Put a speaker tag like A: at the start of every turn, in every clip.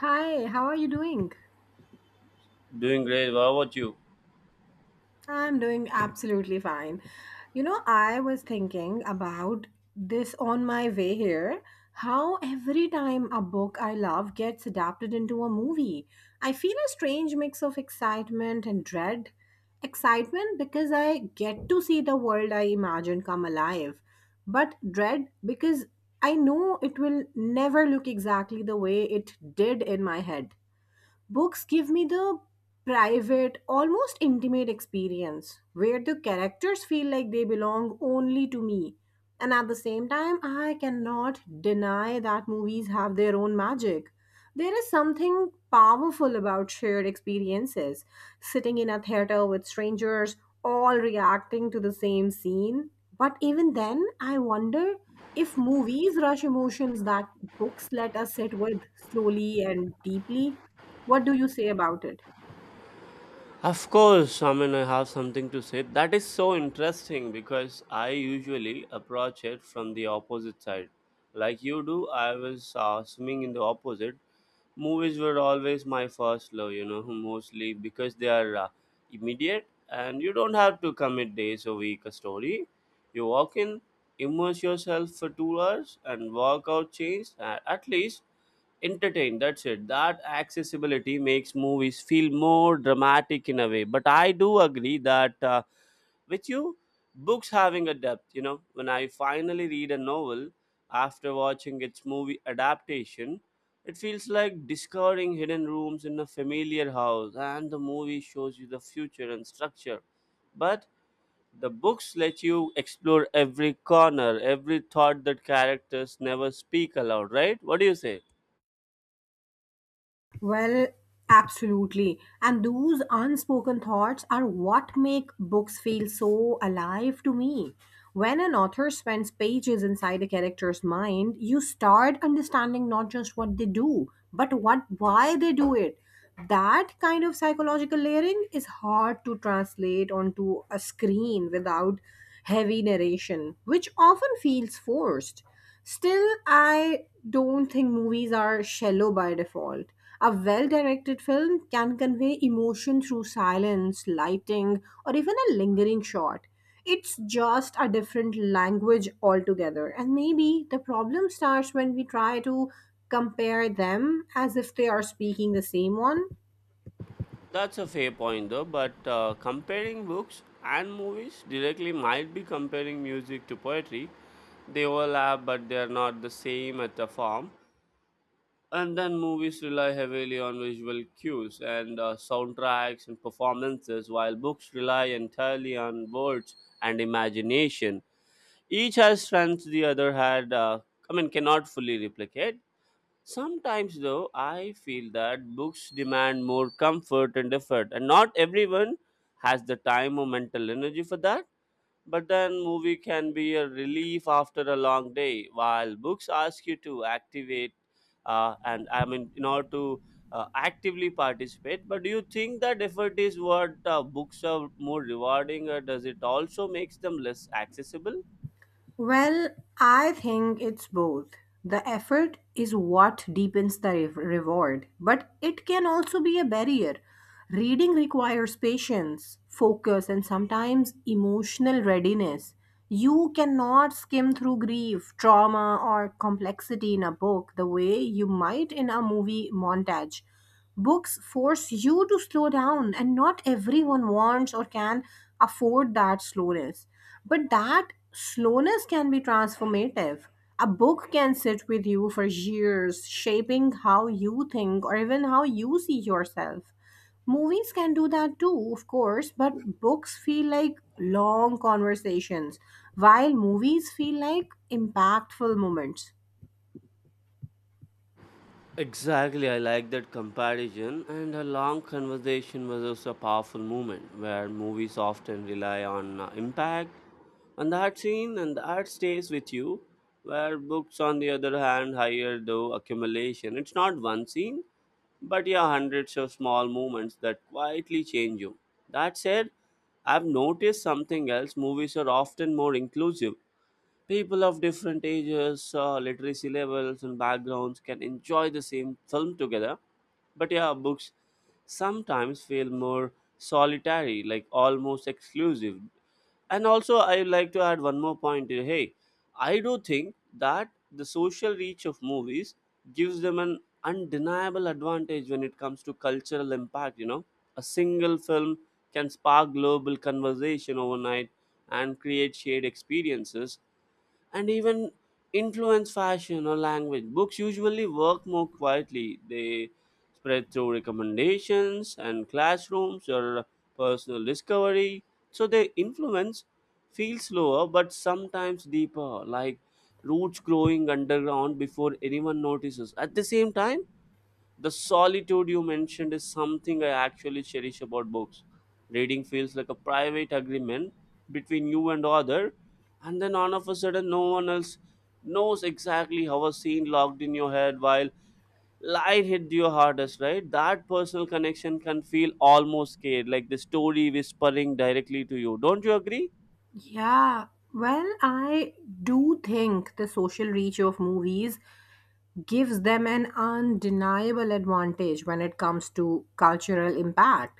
A: Hi, how are you doing?
B: Doing great. What about you?
A: I'm doing absolutely fine. You know, I was thinking about this on my way here, how every time a book I love gets adapted into a movie, I feel a strange mix of excitement and dread. Excitement because I get to see the world I imagine come alive, but dread because I know it will never look exactly the way it did in my head. Books give me the private, almost intimate experience where the characters feel like they belong only to me. And at the same time, I cannot deny that movies have their own magic. There is something powerful about shared experiences, sitting in a theater with strangers all reacting to the same scene. But even then, I wonder if movies rush emotions that books let us sit with slowly and deeply. What do you say about it?
B: Of course, I mean, I have something to say. That is so interesting because I usually approach it from the opposite side. Like you do, I was swimming in the opposite. Movies were always my first love, mostly because they are immediate, and you don't have to commit days or week a story. You walk in, immerse yourself for 2 hours, and walk out changed. At least entertained, that's it. That accessibility makes movies feel more dramatic in a way, but I do agree that, with you, books having a depth. When I finally read a novel after watching its movie adaptation, it feels like discovering hidden rooms in a familiar house, and the movie shows you the future and structure, but the books let you explore every corner, every thought that characters never speak aloud, right? What do you say?
A: Well, absolutely. And those unspoken thoughts are what make books feel so alive to me. When an author spends pages inside a character's mind, you start understanding not just what they do, but what why they do it. That kind of psychological layering is hard to translate onto a screen without heavy narration, which often feels forced. Still, I don't think movies are shallow by default. A well directed film can convey emotion through silence, lighting, or even a lingering shot. It's just a different language altogether. And maybe the problem starts when we try to compare them as if they are speaking the same one.
B: That's a fair point though, but comparing books and movies directly might be comparing music to poetry. They overlap, but they are not the same at the form. And then movies rely heavily on visual cues and soundtracks and performances, while books rely entirely on words and imagination. Each has strengths the other had, I mean, cannot fully replicate. Sometimes, though, I feel that books demand more comfort and effort, and not everyone has the time or mental energy for that. But then, movie can be a relief after a long day, while books ask you to activate, and I mean, in order to actively participate. But do you think that effort is what books are more rewarding, or does it also makes them less accessible?
A: Well, I think it's both. The effort is what deepens the reward, but it can also be a barrier. Reading requires patience, focus, and sometimes emotional readiness. You cannot skim through grief, trauma, or complexity in a book the way you might in a movie montage. Books force you to slow down, and not everyone wants or can afford that slowness. But that slowness can be transformative. A book can sit with you for years, shaping how you think or even how you see yourself. Movies can do that too, of course, but books feel like long conversations, while movies feel like impactful moments.
B: Exactly, I like that comparison, and a long conversation was also a powerful moment where movies often rely on impact on the art scene, and the art stays with you, where books, on the other hand, higher though accumulation. It's not one scene, but yeah, hundreds of small moments that quietly change you. That said, I've noticed something else. Movies are often more inclusive. People of different ages, literacy levels, and backgrounds can enjoy the same film together. But yeah, books sometimes feel more solitary, like almost exclusive. And also, I would like to add one more point here. Hey, I do think that the social reach of movies gives them an undeniable advantage when it comes to cultural impact. You know, a single film can spark global conversation overnight, and create shared experiences, and even influence fashion or language. Books usually work more quietly. They spread through recommendations and classrooms or personal discovery. So their influence feels slower but sometimes deeper, like roots growing underground before anyone notices. At the same time, the solitude you mentioned is something I actually cherish about books. Reading feels like a private agreement between you and other, and then all of a sudden, no one else knows exactly how a scene locked in your head while line hit your hardest, right? That personal connection can feel almost scared, like the story whispering directly to you. Don't you agree?
A: Yeah, well, I do think the social reach of movies gives them an undeniable advantage when it comes to cultural impact.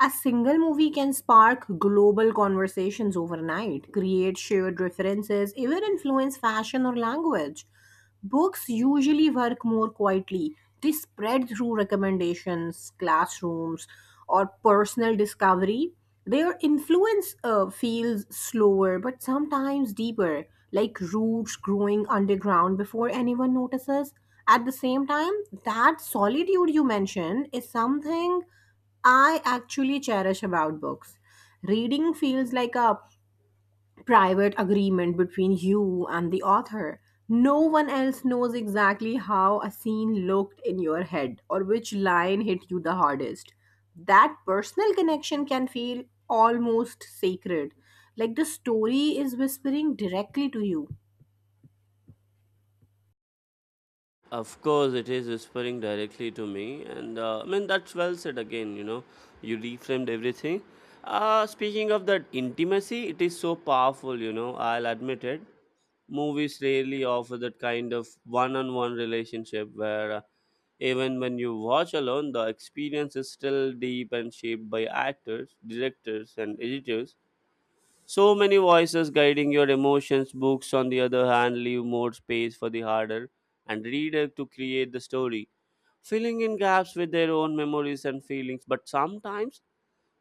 A: A single movie can spark global conversations overnight, create shared references, even influence fashion or language. Books usually work more quietly. They spread through recommendations, classrooms, or personal discovery. Their influence feels slower but sometimes deeper, like roots growing underground before anyone notices. At the same time, that solitude you mentioned is something I actually cherish about books. Reading feels like a private agreement between you and the author. No one else knows exactly how a scene looked in your head or which line hit you the hardest. That personal connection can feel almost sacred, like the story is whispering directly to you.
B: Of course, it is whispering directly to me, and I mean that's well said again. You know, you reframed everything. Speaking of that intimacy, it is so powerful. You know, I'll admit it. Movies rarely offer that kind of one-on-one relationship where, even when you watch alone, the experience is still deep and shaped by actors, directors, and editors, so many voices guiding your emotions. Books, on the other hand, leave more space for the harder and reader to create the story, filling in gaps with their own memories and feelings. But sometimes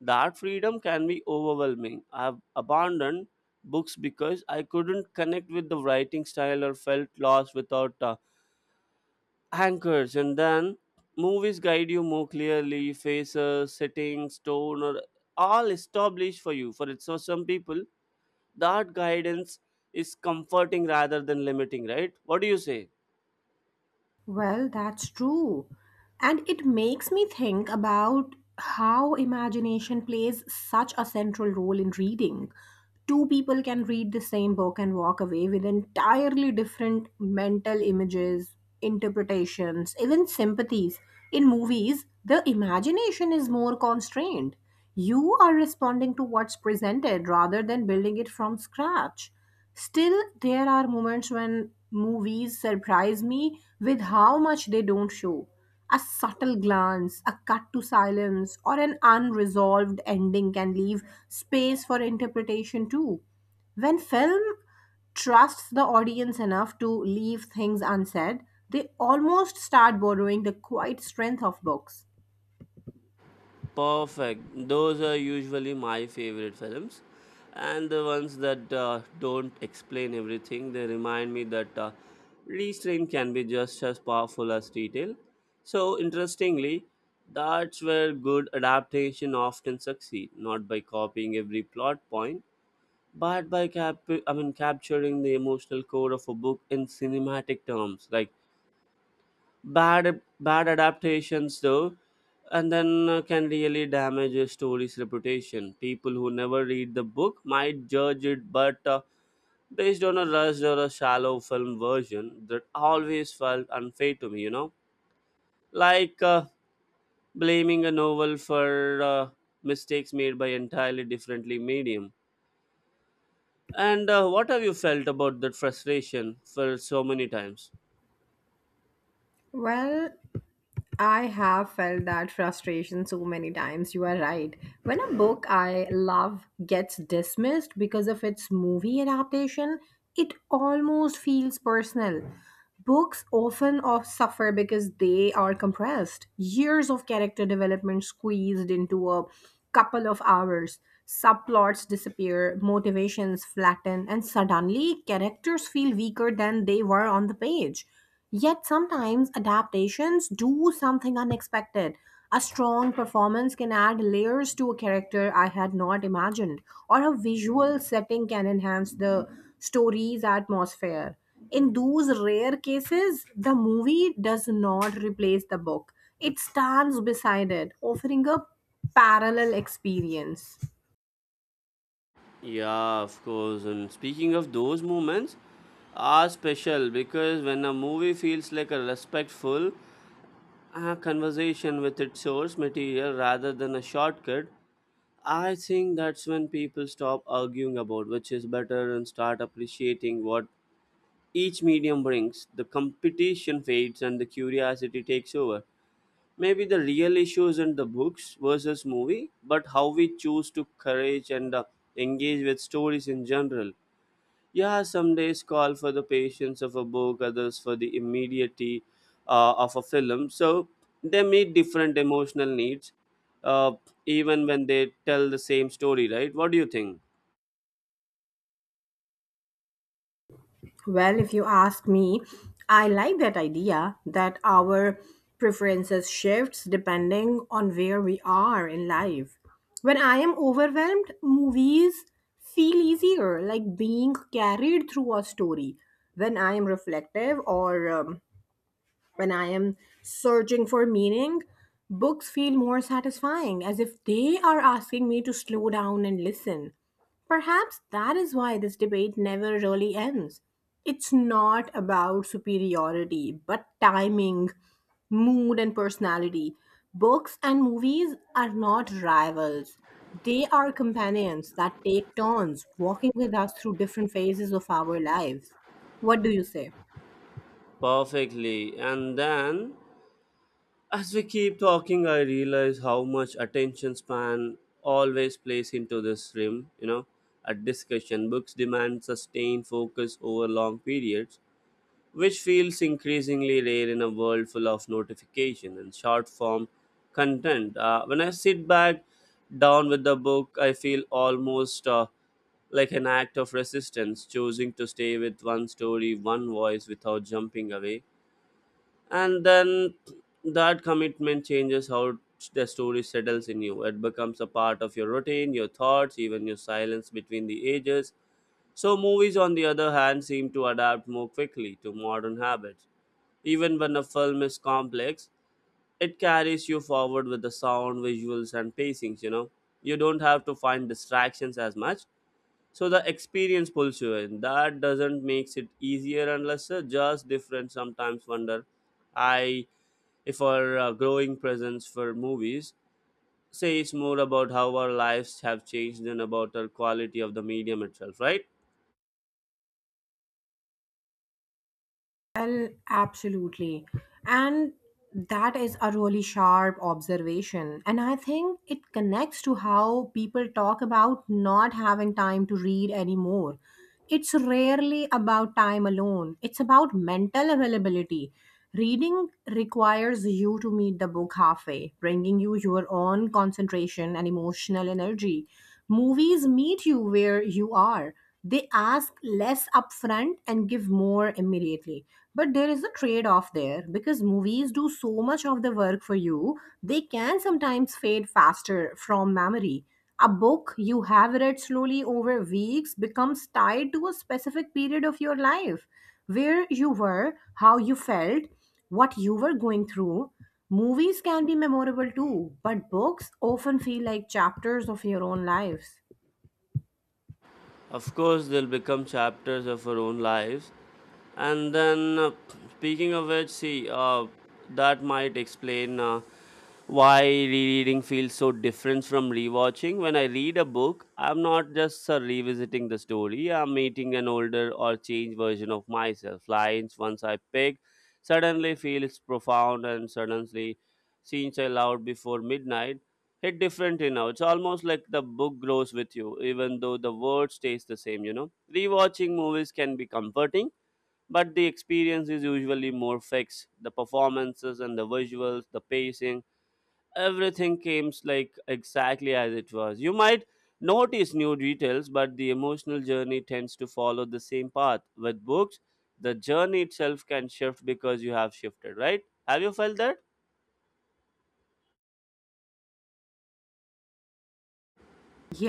B: that freedom can be overwhelming. I've abandoned books because I couldn't connect with the writing style or felt lost without anchors. And then movies guide you more clearly, faces, settings, tone, or all established for you. For it's for some people, that guidance is comforting rather than limiting, right? What do you say?
A: Well, that's true. And it makes me think about how imagination plays such a central role in reading. Two people can read the same book and walk away with entirely different mental images, interpretations, even sympathies. In movies, the imagination is more constrained. You are responding to what's presented rather than building it from scratch. Still, there are moments when movies surprise me with how much they don't show. A subtle glance, a cut to silence, or an unresolved ending can leave space for interpretation too. When film trusts the audience enough to leave things unsaid, they almost start borrowing the quiet strength of books.
B: Perfect. Those are usually my favorite films, and the ones that don't explain everything. They remind me that restraint can be just as powerful as detail. So interestingly, that's where good adaptation often succeed, not by copying every plot point, but by capturing the emotional core of a book in cinematic terms. Like bad adaptations though, and then can really damage a story's reputation. People who never read the book might judge it, but based on a rushed or a shallow film version that always felt unfair to me, like blaming a novel for mistakes made by entirely differently medium. And what have you felt about that frustration for so many times?
A: Well, I have felt that frustration so many times. You are right. When a book I love gets dismissed because of its movie adaptation, it almost feels personal. Books often of suffer because they are compressed. Years of character development squeezed into a couple of hours. Subplots disappear, motivations flatten, and suddenly characters feel weaker than they were on the page. Yet sometimes adaptations do something unexpected. A strong performance can add layers to a character I had not imagined, or a visual setting can enhance the story's atmosphere. In those rare cases, the movie does not replace the book, it stands beside it, offering a parallel experience.
B: Yeah, of course. And speaking of those moments, are special because when a movie feels like a respectful conversation with its source material rather than a shortcut, I think that's when people stop arguing about which is better and start appreciating what each medium brings. The competition fades and the curiosity takes over. Maybe the real issue isn't the books versus movie, but how we choose to courage and engage with stories in general. Yeah, some days call for the patience of a book, others for the immediacy of a film. So they meet different emotional needs, uh, even when they tell the same story, right? What do you think?
A: Well, if you ask me, I like that idea that our preferences shifts depending on where we are in life. When I am overwhelmed, movies feel easier, like being carried through a story. When I am reflective or when I am searching for meaning, books feel more satisfying, as if they are asking me to slow down and listen. Perhaps that is why this debate never really ends. It's not about superiority, but timing, mood, and personality. Books and movies are not rivals, they are companions that take turns walking with us through different phases of our lives. What do you say?
B: Perfectly. And then, as we keep talking, I realize how much attention span always plays into this rim. A discussion books demand sustained focus over long periods, which feels increasingly rare in a world full of notification and short form content. When I sit back down with the book, I feel almost like an act of resistance, choosing to stay with one story, one voice without jumping away. And then that commitment changes how the story settles in you. It becomes a part of your routine, your thoughts, even your silence between the ages. So, movies, on the other hand, seem to adapt more quickly to modern habits. Even when a film is complex, it carries you forward with the sound, visuals, and pacings. You don't have to find distractions as much, so the experience pulls you in. That doesn't makes it easier and lesser, just different. Sometimes wonder, I if our growing presence for movies says more about how our lives have changed than about the quality of the medium itself, right?
A: Well, absolutely. And that is a really sharp observation. And I think it connects to how people talk about not having time to read anymore. It's rarely about time alone, it's about mental availability. Reading requires you to meet the book halfway, bringing you your own concentration and emotional energy. Movies meet you where you are. They ask less upfront and give more immediately. But there is a trade off there because movies do so much of the work for you, they can sometimes fade faster from memory. A book you have read slowly over weeks becomes tied to a specific period of your life, where you were, how you felt, what you were going through. Movies can be memorable too, but books often feel like chapters of your own lives.
B: Of course, they'll become chapters of our own lives. And then, speaking of which, see, that might explain why rereading feels so different from rewatching. When I read a book, I'm not just revisiting the story, I'm meeting an older or changed version of myself. Lines once I pick suddenly feels profound, and suddenly scenes I loved before midnight hit differently now. It's almost like the book grows with you, even though the word stays the same. Rewatching movies can be comforting, but the experience is usually more fixed. The performances and the visuals, the pacing, everything comes like exactly as it was. You might notice new details, but the emotional journey tends to follow the same path. With books, the journey itself can shift because you have shifted, right? Have you felt that?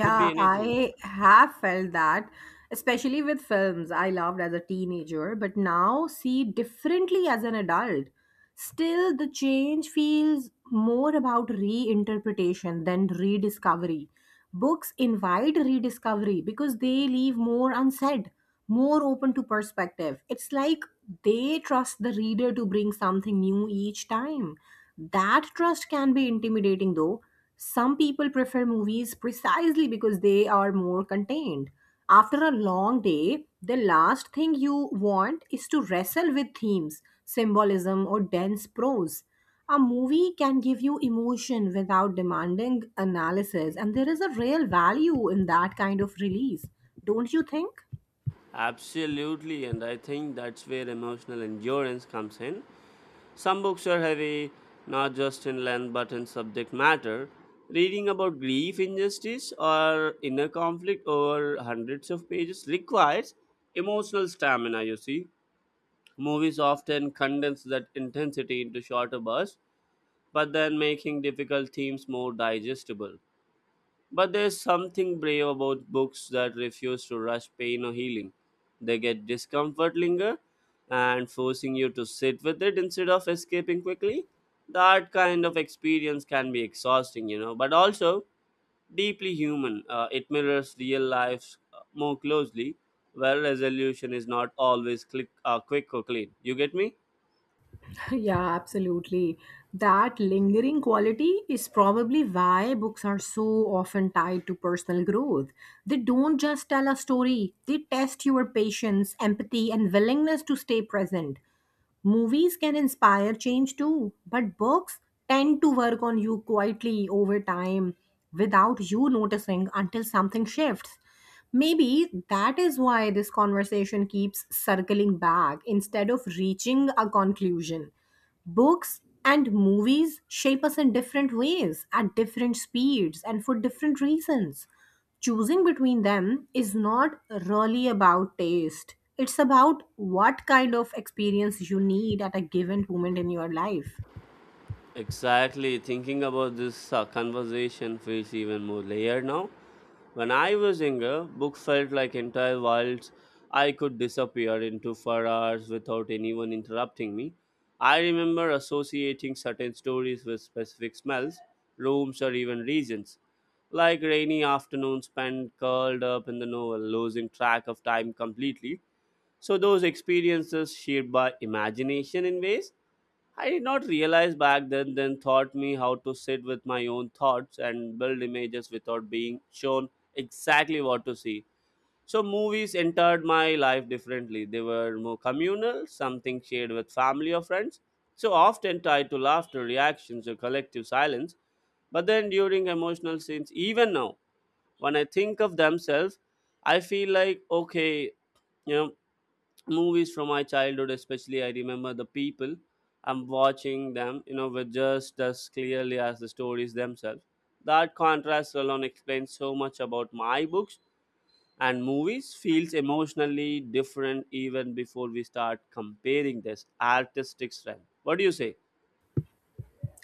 B: Could be anything.
A: I have felt that, especially with films I loved as a teenager, but now see differently as an adult. Still, the change feels more about reinterpretation than rediscovery. Books invite rediscovery because they leave more unsaid, more open to perspective. It's like they trust the reader to bring something new each time. That trust can be intimidating though. Some people prefer movies precisely because they are more contained. After a long day, the last thing you want is to wrestle with themes, symbolism, or dense prose. A movie can give you emotion without demanding analysis, and there is a real value in that kind of release, don't you think?
B: Absolutely, and I think that's where emotional endurance comes in. Some books are heavy, not just in length but in subject matter. Reading about grief, injustice, or inner conflict over hundreds of pages requires emotional stamina, you see. Movies often condense that intensity into shorter bursts, but then making difficult themes more digestible. But there's something brave about books that refuse to rush pain or healing. They get discomfort linger and forcing you to sit with it instead of escaping quickly. That kind of experience can be exhausting, you know, but also deeply human. It mirrors real life, more closely, where resolution is not always click, quick or clean. You get me?
A: Yeah, absolutely. That lingering quality is probably why books are so often tied to personal growth. They don't just tell a story, they test your patience, empathy, and willingness to stay present. Movies can inspire change too, but books tend to work on you quietly over time without you noticing until something shifts. Maybe that is why this conversation keeps circling back instead of reaching a conclusion. Books and movies shape us in different ways, at different speeds, and for different reasons. Choosing between them is not really about taste, it's about what kind of experience you need at a given moment in your life.
B: Exactly. Thinking about this conversation feels even more layered now. When I was younger, books felt like entire worlds. I could disappear into for hours without anyone interrupting me. I remember associating certain stories with specific smells, rooms, or even regions. Like rainy afternoons spent curled up in the novel, losing track of time completely. So, those experiences shaped by imagination in ways I did not realize back then taught me how to sit with my own thoughts and build images without being shown exactly what to see. So, movies entered my life differently. They were more communal, something shared with family or friends. So, often tied to laughter, reactions, or collective silence. But then, during emotional scenes, even now, when I think of themselves, I feel like, okay, you know, movies from my childhood, especially I remember the people I'm watching them were just as clearly as the stories themselves. That contrast alone explains so much about my books and movies feels emotionally different even before we start comparing this artistic strength. What do you say?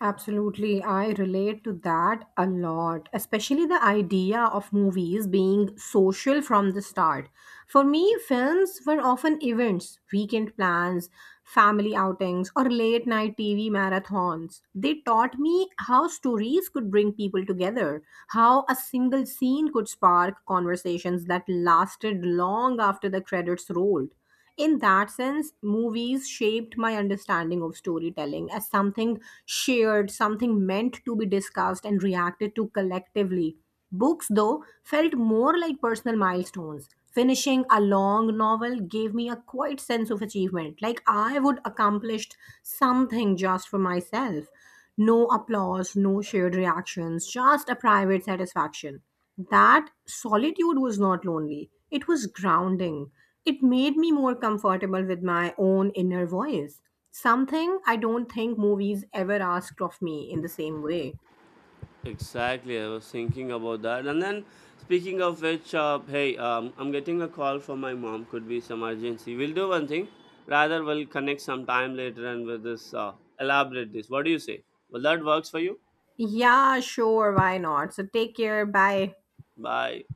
A: Absolutely, I relate to that a lot, especially the idea of movies being social from the start. For me, films were often events, weekend plans, family outings, or late night TV marathons. They taught me how stories could bring people together, how a single scene could spark conversations that lasted long after the credits rolled. In that sense, movies shaped my understanding of storytelling as something shared, something meant to be discussed and reacted to collectively. Books, though, felt more like personal milestones. Finishing a long novel gave me a quiet sense of achievement, like I would accomplished something just for myself. No applause, no shared reactions, just a private satisfaction. That solitude was not lonely, it was grounding. It made me more comfortable with my own inner voice, something I don't think movies ever asked of me in the same way.
B: Exactly, I was thinking about that. And then, speaking of which, hey, I'm getting a call from my mom. Could be some urgency. We'll do one thing. Rather, we'll connect some time later and with this elaborate this. What do you say? Well, that works for you.
A: Yeah, sure, why not? So take care, bye.
B: Bye.